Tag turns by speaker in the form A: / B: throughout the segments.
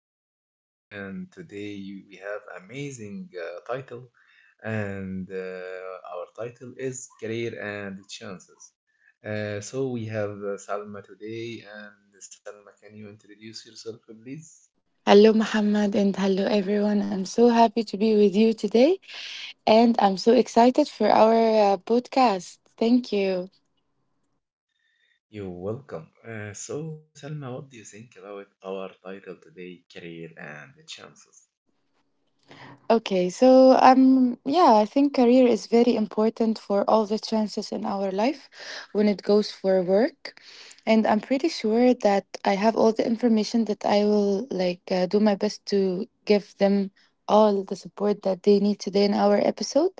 A: podcast, and today we have amazing title, and our title is Career and Chances. So we have Salma today, and Salma, can you introduce yourself, please?
B: Hello, Muhammad, and hello, everyone. I'm so happy to be with you today, and I'm so excited for our podcast. Thank you.
A: You're welcome. So, Salma, what do you think about our title today, Career and Chances?
B: Okay, so, I think career is very important for all the chances in our life when it goes for work, and I'm pretty sure that I have all the information that I will like do my best to give them all the support that they need today in our episode.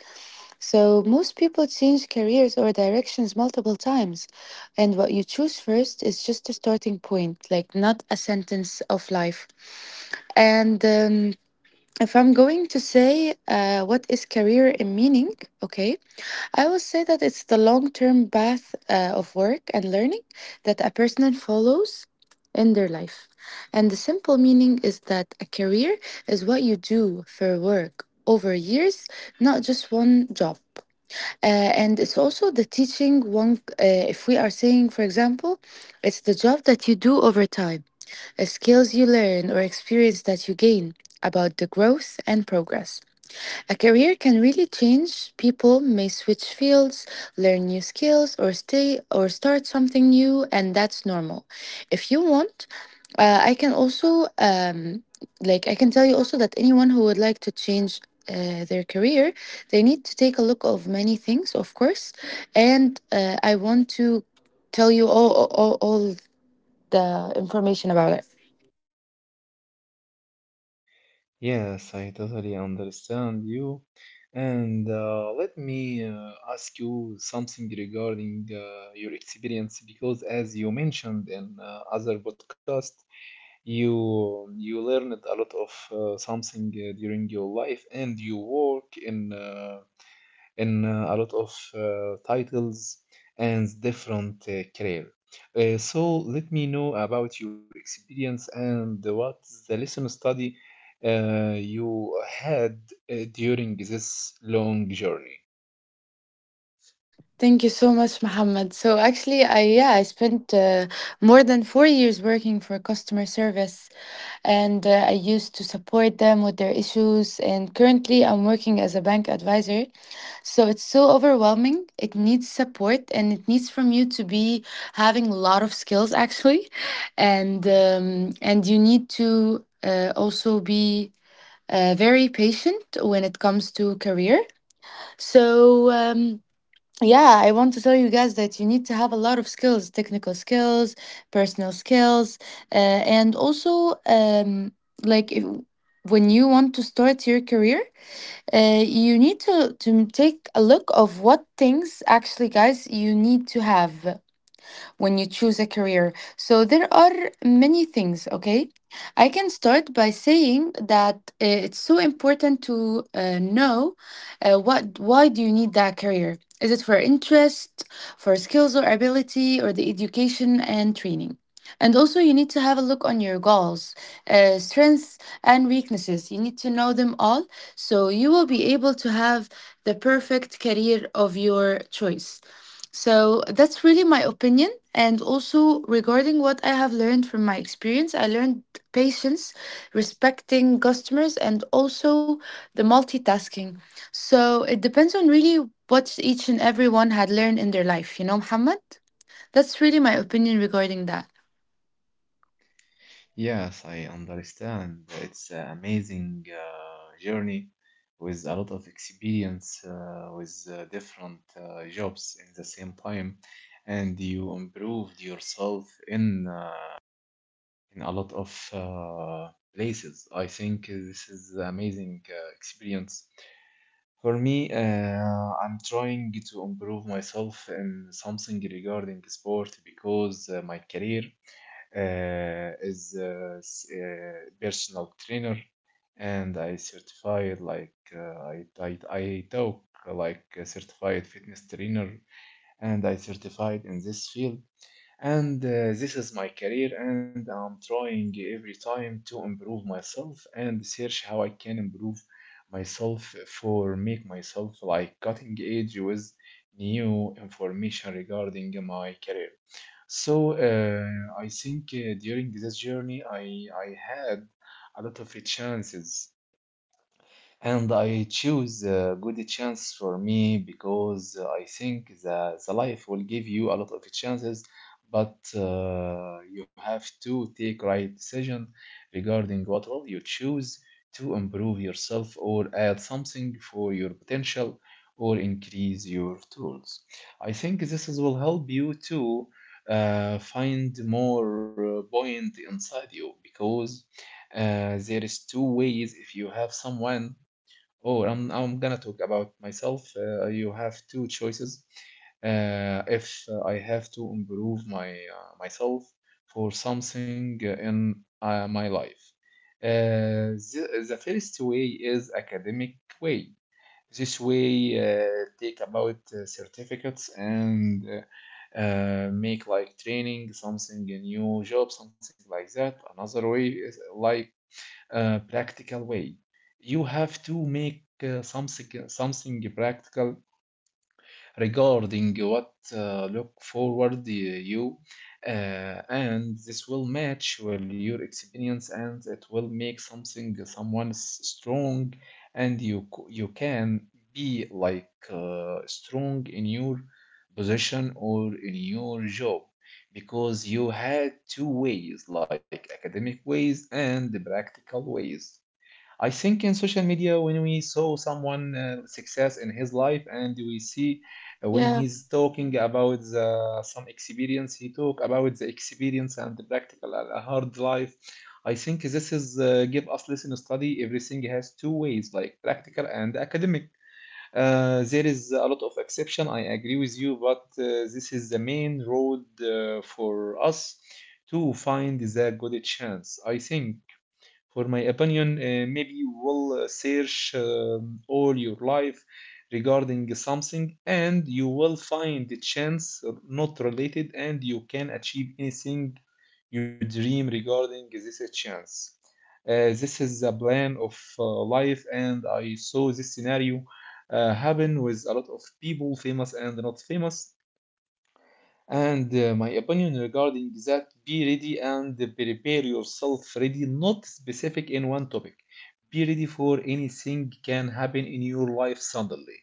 B: So most people change careers or directions multiple times, and what you choose first is just a starting point, like not a sentence of life, and. If I'm going to say what is career and meaning, okay, I will say that it's the long term path of work and learning that a person follows in their life. And the simple meaning is that a career is what you do for work over years, not just one job. Uh, and it's also the teaching one, if we are saying, for example, it's the job that you do over time, a skills you learn or experience that you gain about the growth and progress. A career can really change. People may switch fields, learn new skills or stay or start something new, and that's normal. If you want, I can also I can tell you also that anyone who would like to change their career, they need to take a look of many things, of course, and I want to tell you all the information about it.
A: Yes, I totally understand you. And let me ask you something regarding your experience because as you mentioned in other podcast, you learned a lot of something during your life and you work in a lot of titles and different career. So let me know about your experience and what's the lesson study you had during this long journey.
B: Thank you so much, Mohammed. So actually, I spent more than 4 years working for customer service, and I used to support them with their issues. And currently, I'm working as a bank advisor. So it's so overwhelming. It needs support, and it needs from you to be having a lot of skills actually, and you need to also be very patient when it comes to career. So. Um, yeah, I want to tell you guys that you need to have a lot of skills, technical skills, personal skills, and also like if, when you want to start your career, you need to take a look of what things actually, guys, you need to have when you choose a career. So there are many things, okay? I can start by saying that it's so important to know what, why do you need that career? Is it for interest, for skills or ability, or the education and training? And also, you need to have a look on your goals, strengths, and weaknesses. You need to know them all so you will be able to have the perfect career of your choice. So that's really my opinion. And also regarding what I have learned from my experience, I learned patience, respecting customers, and also the multitasking. So it depends on really what each and everyone had learned in their life, you know, Muhammad? That's really my opinion regarding that.
A: Yes, I understand. It's an amazing journey with a lot of experience with different jobs in the same time, and you improved yourself in a lot of places. I think this is amazing experience. For me, I'm trying to improve myself in something regarding sport because my career is personal trainer, and I certified like I talk like a certified fitness trainer, and I certified in this field and this is my career, and I'm trying every time to improve myself and search how I can improve myself for make myself like cutting edge with new information regarding my career. So I think during this journey I had a lot of chances, and I choose a good chance for me because I think that the life will give you a lot of chances, but you have to take right decision regarding what will you choose to improve yourself or add something for your potential or increase your tools. I think this is, will help you to find more point inside you because there is two ways if you have someone. Oh, I'm gonna talk about myself. You have two choices. If I have to improve my myself for something in my life, the first way is academic way. This way, take about certificates and make like training, something a new job, something like that. Another way is like practical way. You have to make something practical regarding what look forward you, uh, and this will match well your experience, and it will make something someone strong, and you can be like strong in your position or in your job because you had two ways like academic ways and the practical ways. I think in social media, when we saw someone success in his life, and we see when
B: Yeah.
A: he's talking about some experience, he talk about the experience and the practical and a hard life. I think this is give us lesson study. Everything has two ways, like practical and academic. There is a lot of exception. I agree with you, but this is the main road for us to find the good chance. I think. For my opinion, maybe you will search all your life regarding something, and you will find a chance not related, and you can achieve anything you dream regarding this chance. This is a plan of life, and I saw this scenario happen with a lot of people, famous and not famous. And my opinion regarding that, be ready and prepare yourself ready, not specific in one topic. Be ready for anything can happen in your life suddenly.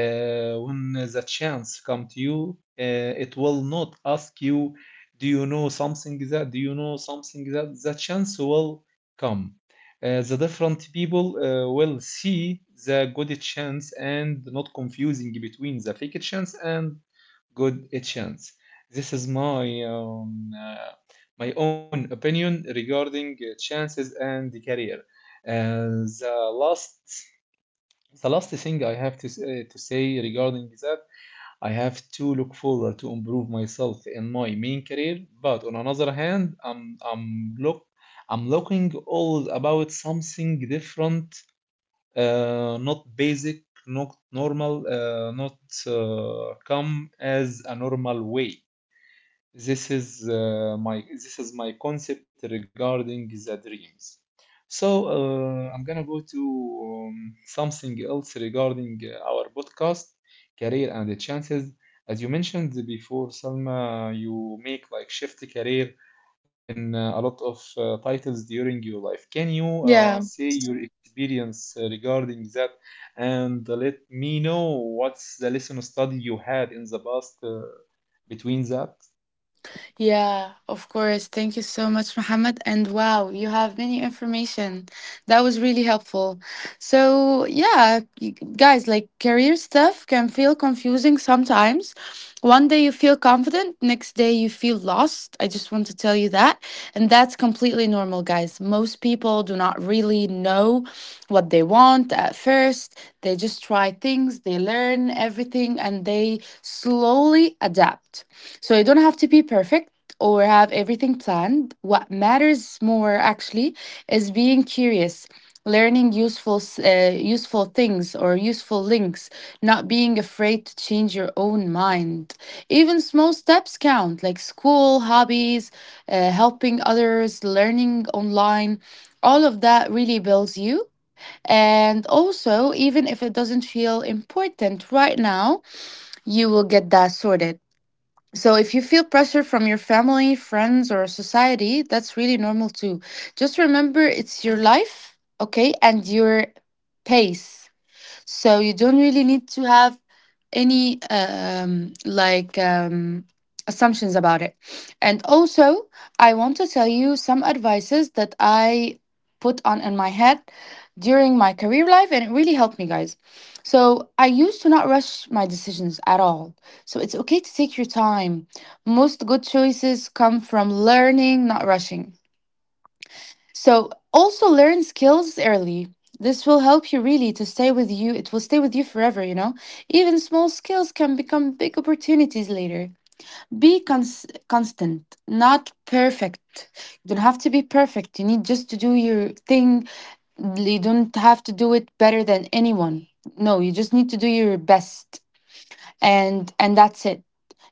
A: When the chance come to you, it will not ask you, do you know something that, do you know something that, the chance will come. The different people will see the good chance, and not confusing between the fake chance and good, chance. This is my my own opinion regarding chances and the career. Uh, the last the last thing I have to say regarding that, I have to look forward to improve myself in my main career. But on another hand, I'm look I'm looking all about something different, not basic, not normal, not come as a normal way. This is my concept regarding the dreams. So I'm gonna go to something else regarding our podcast, Career and the Chances. As you mentioned before, Salma, you make like shift career in a lot of titles during your life. Can you
B: Yeah.
A: say your experience regarding that, and let me know what's the lesson study you had in the past between that?
B: Yeah, of course. Thank you so much, Mohammed. And wow, you have many information. That was really helpful. So, yeah, guys, like career stuff can feel confusing sometimes. One day you feel confident, next day you feel lost. I just want to tell you that. And that's completely normal, guys. Most people do not really know what they want at first. They just try things, they learn everything, and they slowly adapt. So you don't have to be perfect or have everything planned. What matters more actually is being curious, learning useful things or useful links, not being afraid to change your own mind. Even small steps count, like school, hobbies, helping others, learning online. All of that really builds you. And also, even if it doesn't feel important right now, you will get that sorted. So, if you feel pressure from your family, friends, or society, that's really normal too. Just remember it's your life, okay, and your pace. So you don't really need to have any assumptions about it. And also, I want to tell you some advices that I put on in my head during my career life, and it really helped me, guys. So I used to not rush my decisions at all. So it's okay to take your time. Most good choices come from learning, not rushing. So also learn skills early. This will help you really to stay with you. It will stay with you forever, you know? Even small skills can become big opportunities later. Be constant, not perfect. You don't have to be perfect. You need just to do your thing. You don't have to do it better than anyone. No, you just need to do your best, and that's it.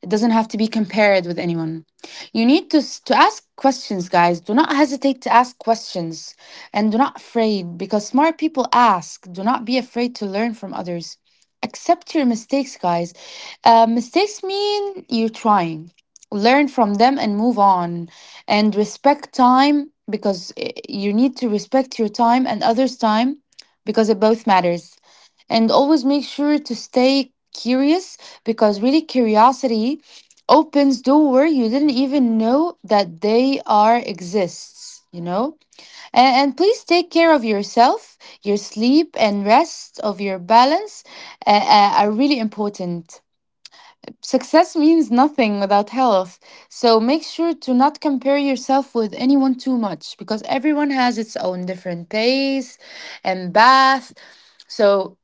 B: It doesn't have to be compared with anyone. You need to ask questions, guys. Do not hesitate to ask questions, and do not afraid, because smart people ask. Do not be afraid to learn from others. Accept your mistakes, guys. Mistakes mean you're trying. Learn from them and move on. And respect time, because you need to respect your time and others time, because it both matters. And always make sure to stay curious, because really curiosity opens door you didn't even know that they are exists, you know? And please take care of yourself. Your sleep and rest of your balance are really important. Success means nothing without health. So make sure to not compare yourself with anyone too much, because everyone has its own different pace and path. So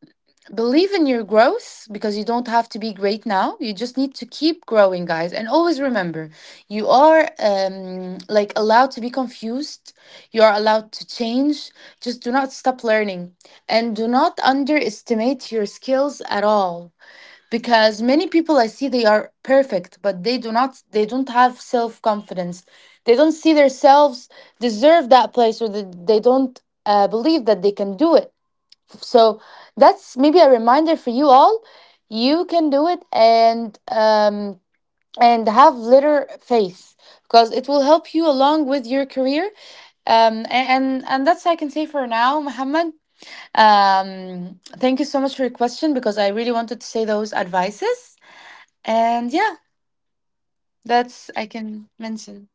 B: believe in your growth, because you don't have to be great now. You just need to keep growing, guys. And always remember, you are like allowed to be confused. You are allowed to change. Just do not stop learning, and do not underestimate your skills at all, because many people I see they are perfect, but they do not they don't have self confidence. They don't see themselves deserve that place, or they don't believe that they can do it. So that's maybe a reminder for you all. You can do it, and and have little faith, because it will help you along with your career. And that's I can say for now, Muhammad. Thank you so much for your question, because I really wanted to say those advices, and yeah, that's I can mention.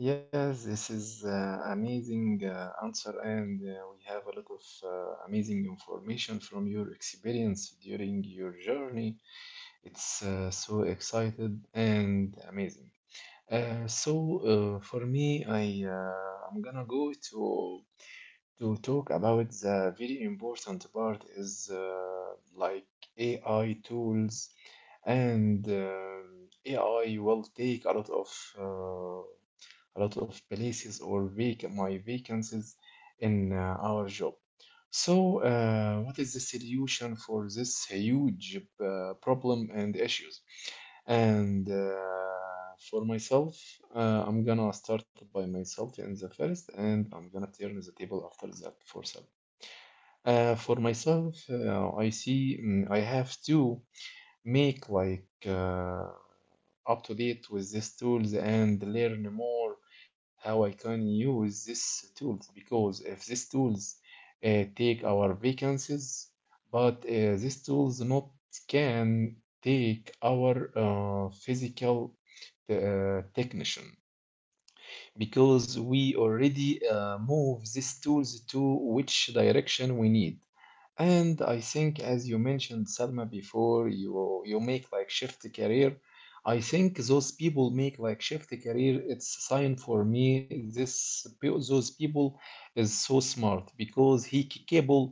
A: Yes, this is amazing answer, and we have a lot of amazing information from your experience during your journey. It's so excited and amazing. So for me, I'm gonna go to talk about the very important part is like AI tools, and AI will take uh, a lot of places or my vacancies in our job. So, what is the solution for this huge problem and issues? And for myself, I'm gonna start by myself in the first, and I'm gonna turn the table after that for some. For myself, I see I have to make like up to date with these tools and learn more how I can use these tools, because if these tools take our vacancies, but these tools not can take our physical technician, because we already move these tools to which direction we need. And I think, as you mentioned, Salma, before, you make like shift career, I think those people make like shift career. It's a sign for me. Those people is so smart because he capable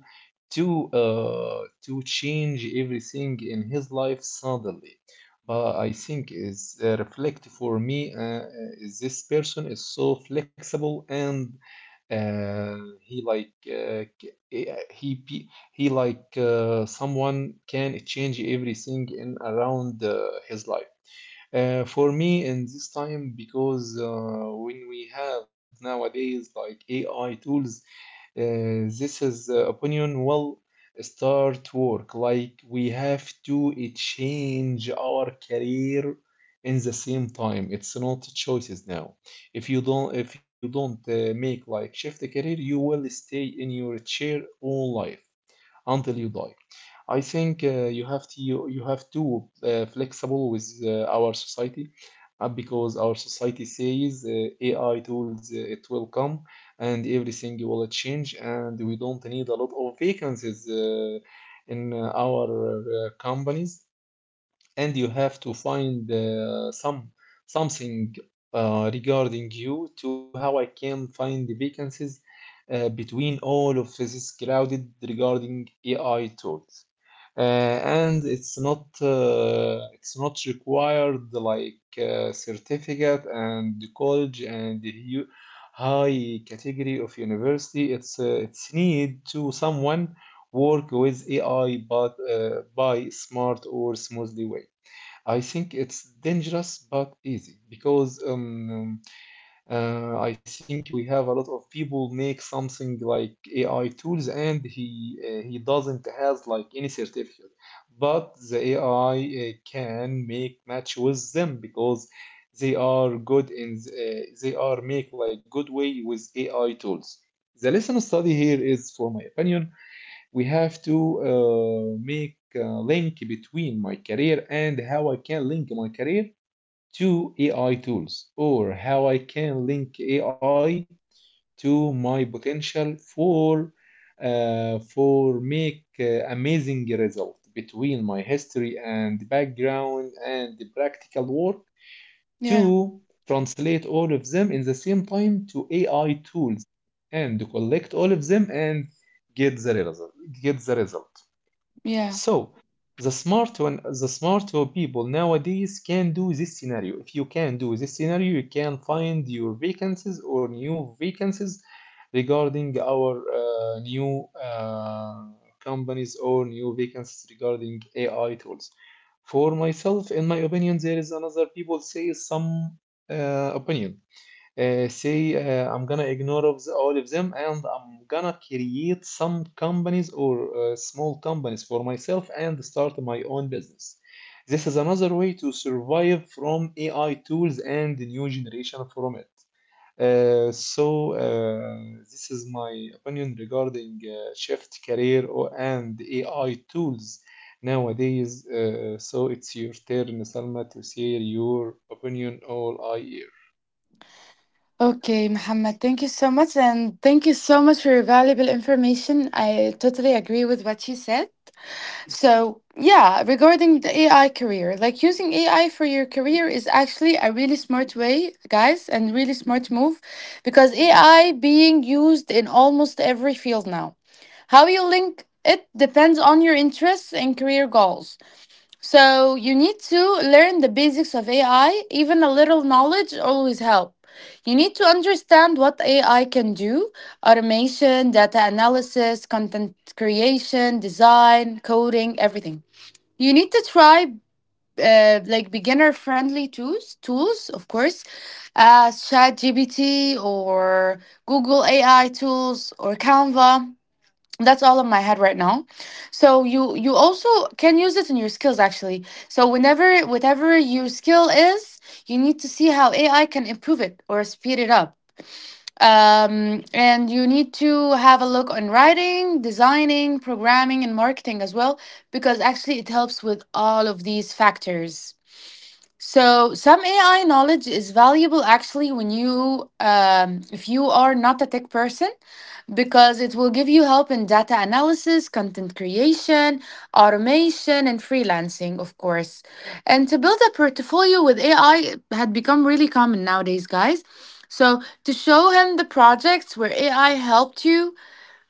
A: to change everything in his life suddenly. But I think is reflect for me, is this person is so flexible, and uh, he like c- eh, he pe- he like someone can change everything in around his life. For me in this time, because when we have nowadays like AI tools, this is opinion will start work, like we have to change our career in the same time. It's not choices now. If you don't make like shift the career, you will stay in your chair all life until you die. I think you have to flexible with our society, because our society says AI tools it will come and everything will change, and we don't need a lot of vacancies in our companies, and you have to find something regarding you to how I can find the vacancies between all of this crowded regarding AI tools. And it's not required like certificate and the college and high category of university. It's need to someone work with AI but by smart or smoothly way. I think it's dangerous but easy because I think we have a lot of people make something like AI tools, and he doesn't has like any certificate, but the AI can make match with them because they are good in they are make like good way with AI tools. The lesson study here is, for my opinion, we have to make a link between my career and how I can link my career to AI tools, or how I can link AI to my potential for make amazing result between my history and background and the practical work,
B: Yeah.
A: to translate all of them in the same time to AI tools, and collect all of them, and get the result, get the result.
B: Yeah.
A: So the smart one, the smart people nowadays can do this scenario. If you can do this scenario, you can find your vacancies or new vacancies regarding our new companies or new vacancies regarding AI tools. For myself, in my opinion, there is another people say some opinion say, I'm gonna ignore all of them and I'm gonna create some companies or small companies for myself and start my own business. This is another way to survive from AI tools and the new generation from it. So this is my opinion regarding shift career and AI tools nowadays. So it's your turn, Salma, to share your opinion or I
B: Okay, Muhammad, thank you so much. And thank you so much for your valuable information. I totally agree with what you said. So, yeah, regarding the AI career, like using AI for your career is actually a really smart way, guys, and really smart move, because AI being used in almost every field now. How you link it depends on your interests and career goals. So, you need to learn the basics of AI, even a little knowledge always help. You need to understand what AI can do: automation, data analysis, content creation, design, coding, everything. You need to try like beginner friendly tools, of course, ChatGPT or Google AI tools or Canva. That's all in my head right now. So you also can use it in your skills actually. So whenever whatever your skill is, you need to see how AI can improve it or speed it up. And you need to have a look on writing, designing, programming, and marketing as well, because actually it helps with all of these factors. So some AI knowledge is valuable actually when you if you are not a tech person, because it will give you help in data analysis, content creation, automation and freelancing, of course. And to build a portfolio with AI had become really common nowadays, guys. So to show him the projects where AI helped you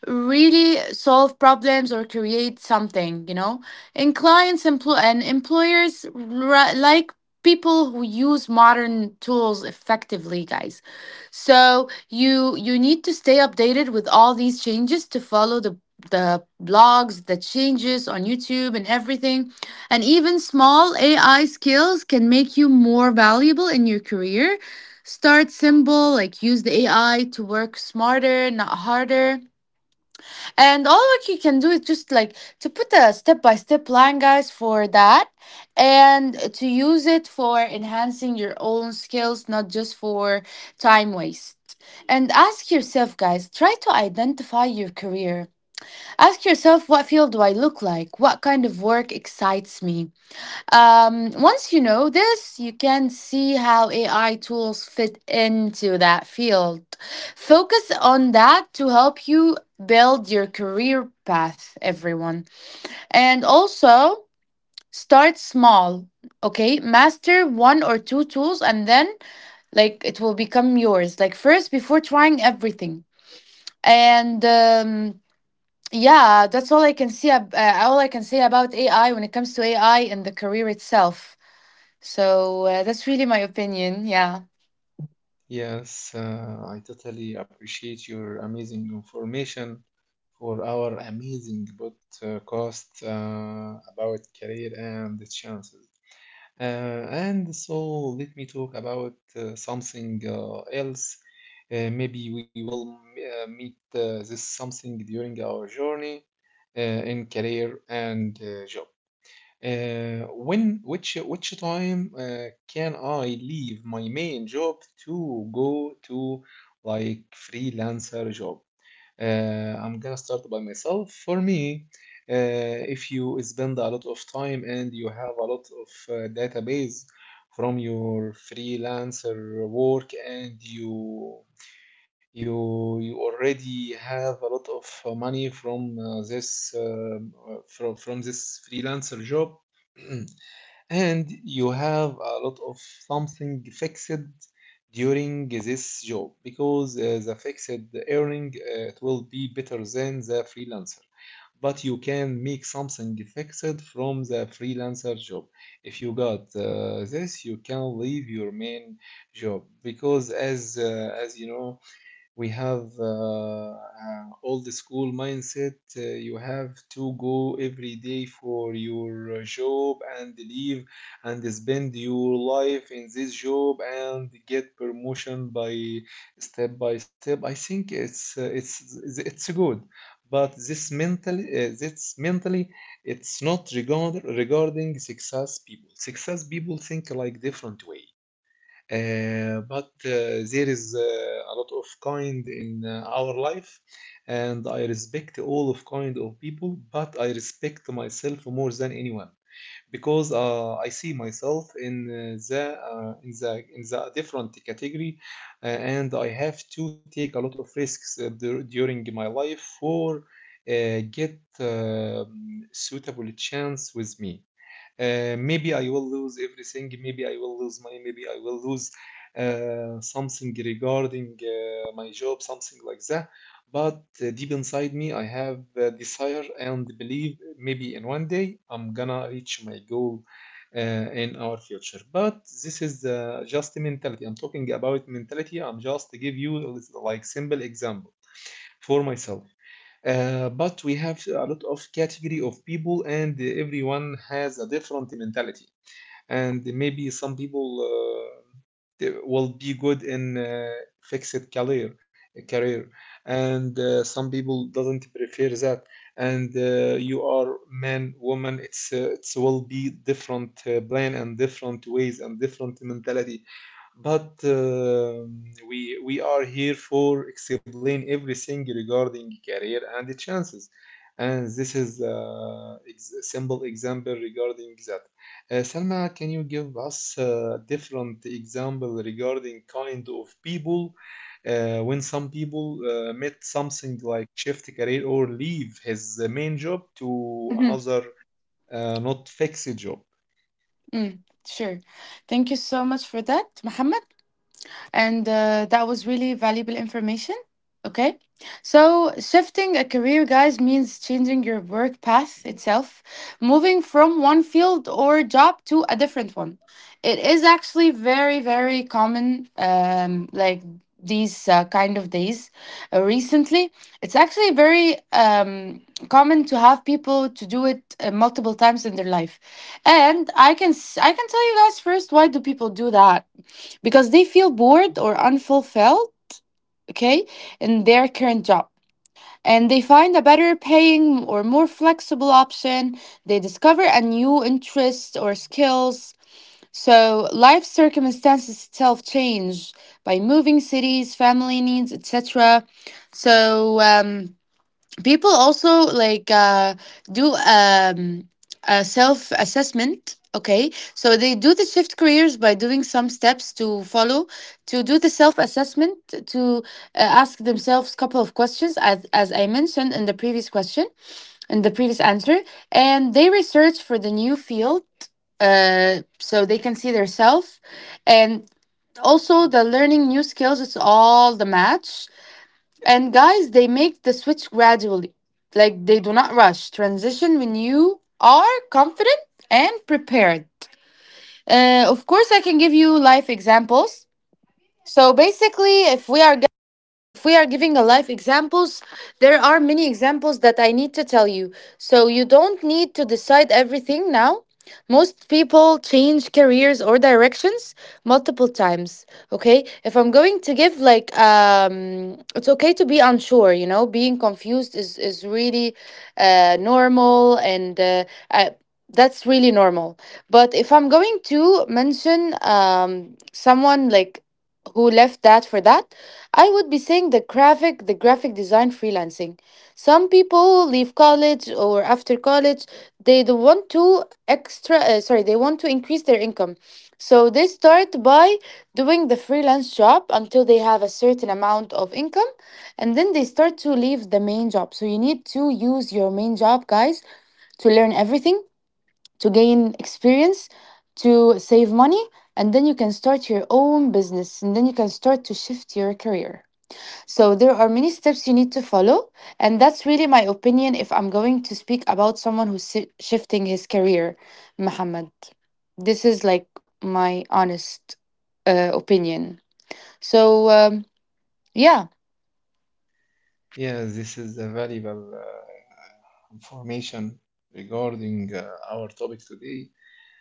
B: really solve problems or create something, you know, and and like people who use modern tools effectively, guys. So you need to stay updated with all these changes, to follow the blogs, the changes on YouTube and everything. And even small AI skills can make you more valuable in your career. Start simple, like use the AI to work smarter, not harder. And all what you can do is just like to put a step by step plan, guys, for that, and to use it for enhancing your own skills, not just for time waste. And ask yourself, guys, try to identify your career. Ask yourself, what field do I look like? What kind of work excites me? Once you know this, you can see how AI tools fit into that field. Focus on that to help you build your career path, everyone. And also, start small, okay? Master one or two tools and then like it will become yours like first before trying everything and yeah that's all I can see ab- all I can say about ai when it comes to ai and the career itself so that's really my opinion. Yeah.
A: Yes, I totally appreciate your amazing information for our amazing podcast about career and the chances. Uh, and so let me talk about something else. Maybe we will meet this something during our journey uh, in career and job. When which time can I leave my main job to go to like freelancer job? I'm gonna start by myself. For me, if you spend a lot of time and you have a lot of database from your freelancer work and you already have a lot of money from this from this freelancer job. And you have a lot of something fixed during this job because the fixed earning it will be better than the freelancer, but you can make something fixed from the freelancer job. If you got this, you can leave your main job because as you know, we have all the school mindset. You have to go every day for your job and leave and spend your life in this job and get promotion by step by step. I think it's good, but this mentally this mentally, it's not regarding success people. Success people think like different way. But there is a lot of kind in our life, and I respect all of kind of people, but I respect myself more than anyone because I see myself in the in the in the different category, and I have to take a lot of risks during my life for get suitable chance with me. Maybe I will lose everything. Maybe I will lose money. Maybe I will lose something regarding my job, something like that. But deep inside me, I have the desire and believe maybe in one day I'm gonna reach my goal uh, in our future. But this is just mentality. I'm talking about mentality. I'm just give you like simple example for myself. But we have a lot of category of people and everyone has a different mentality, and maybe some people they will be good in fixed career. And some people doesn't prefer that, and you are man woman, it's will be different plan and different ways and different mentality. But we are here for explain everything regarding career and the chances, and this is a ex simple example regarding that. Salma, can you give us a different example regarding kind of people when some people met something like shift career or leave his main job to
B: Mhm.
A: another not fixed job?
B: Mm, sure. Thank you so much for that, Mohammed. And that was really valuable information. Okay. So, shifting a career, guys, means changing your work path itself, moving from one field or job to a different one. It is actually very, very common, like these kind of days recently. It's actually very common to have people to do it multiple times in their life. And I can tell you guys first, why do people do that? Because they feel bored or unfulfilled, okay, in their current job. And they find a better paying or more flexible option. They discover a new interest or skills. So life circumstances itself change by moving cities, family needs, etc. So people also like do a self assessment. Okay, so they do the shift careers by doing some steps to follow, to do the self assessment, to ask themselves couple of questions, as I mentioned in the previous question, in the previous answer. And they research for the new field, so they can see their self. And also the learning new skills, it's all the match. And guys, they make the switch gradually. Like, they do not rush. Transition when you are confident and prepared. Of course, I can give you life examples. So basically, if we are giving a life examples, there are many examples that I need to tell you. So you don't need to decide everything now. Most people change careers or directions multiple times. Okay, if I'm going to give like it's okay to be unsure. You know, being confused is really normal, and I, that's really normal. But if I'm going to mention someone like who left that for that, I would be saying the graphic design freelancing. Some people leave college or after college, they don't want to extra, sorry, they want to increase their income. So they start by doing the freelance job until they have a certain amount of income, and then they start to leave the main job. So you need to use your main job, guys, to learn everything, to gain experience, to save money, and then you can start your own business, and then you can start to shift your career. So there are many steps you need to follow, and that's really my opinion if I'm going to speak about shifting his career, Muhammad. This is like my honest opinion. So yeah.
A: Yeah, this is a valuable information regarding our topic today,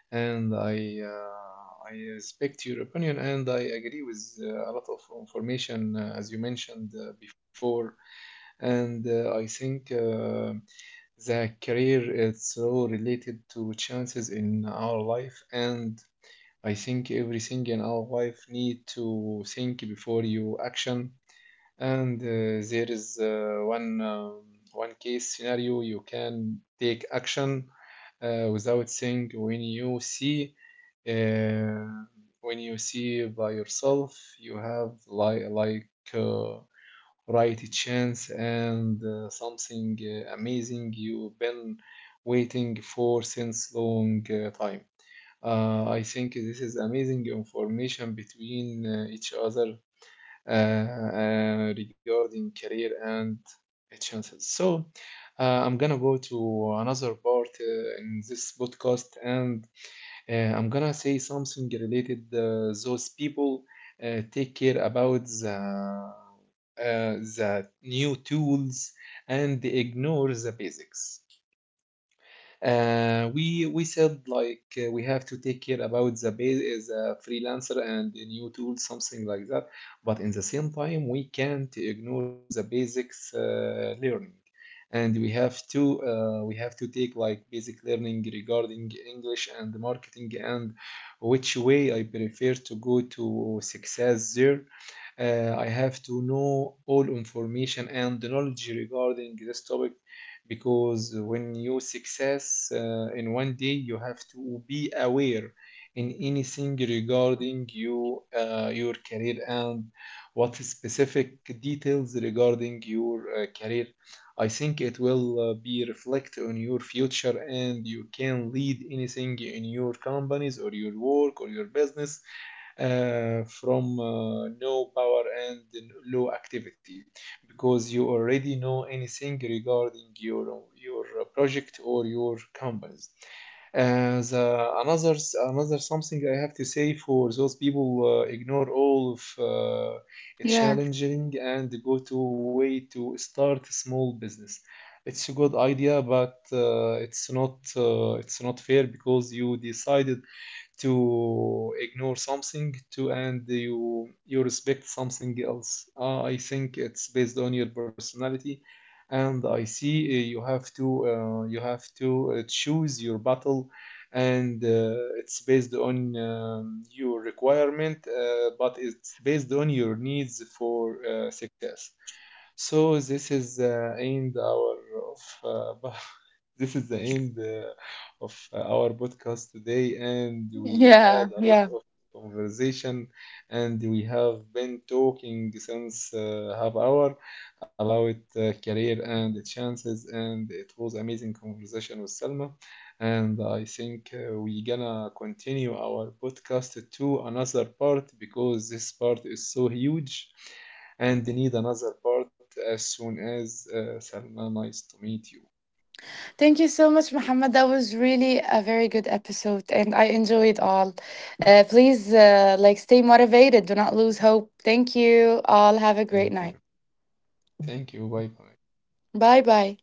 A: and I respect your opinion, and I agree with a lot of information as you mentioned before, and I think the career is so related to chances in our life, and I think everything in our life need to think before you action. And there is one one case scenario you can take action without saying when you see uh, when you see by yourself you have right chance and something amazing you've been waiting for since long time. I think this is amazing information between each other uh, regarding career and chances. So I'm gonna go to another part in this podcast, and I'm gonna say something related those people take care about the new tools and ignore the basics. We said like we have to take care about the base is a freelancer and the new tools, something like that. But in the same time, we can't ignore the basics learning, and we have to we have to take like basic learning regarding English and marketing and which way I prefer to go to success there. I have to know all information and the knowledge regarding this topic because when you success in one day you have to be aware in anything regarding you your career and what specific details regarding your career. I think it will be reflect on your future and you can lead anything in your companies or your work or your business from no power and low activity because you already know anything regarding your project or your companies. As Another something I have to say for those people ignore all of it
B: Yeah,
A: challenging and go to way to start a small business. It's a good idea, but uh, it's not it's not fair because you decided to ignore something to, and you respect something else. I think it's based on your personality, and I see you have to choose your battle, and it's based on your requirement, but it's based on your needs for success. So this is the end our of this is the end of our podcast today, and we had
B: yeah,
A: a lot
B: yeah.
A: of conversation, and we have been talking since half hour about career and the chances, and it was amazing conversation with Selma. And I think we gonna continue our podcast to another part because this part is so huge and need another part as soon as Salma, nice to meet you.
B: Thank you so much, Muhammad. That was really a very good episode, and I enjoyed all. Please, like, stay motivated. Do not lose hope. Thank you all. Have a great
A: Thank
B: night.
A: you. Thank you. Bye bye.
B: Bye, bye.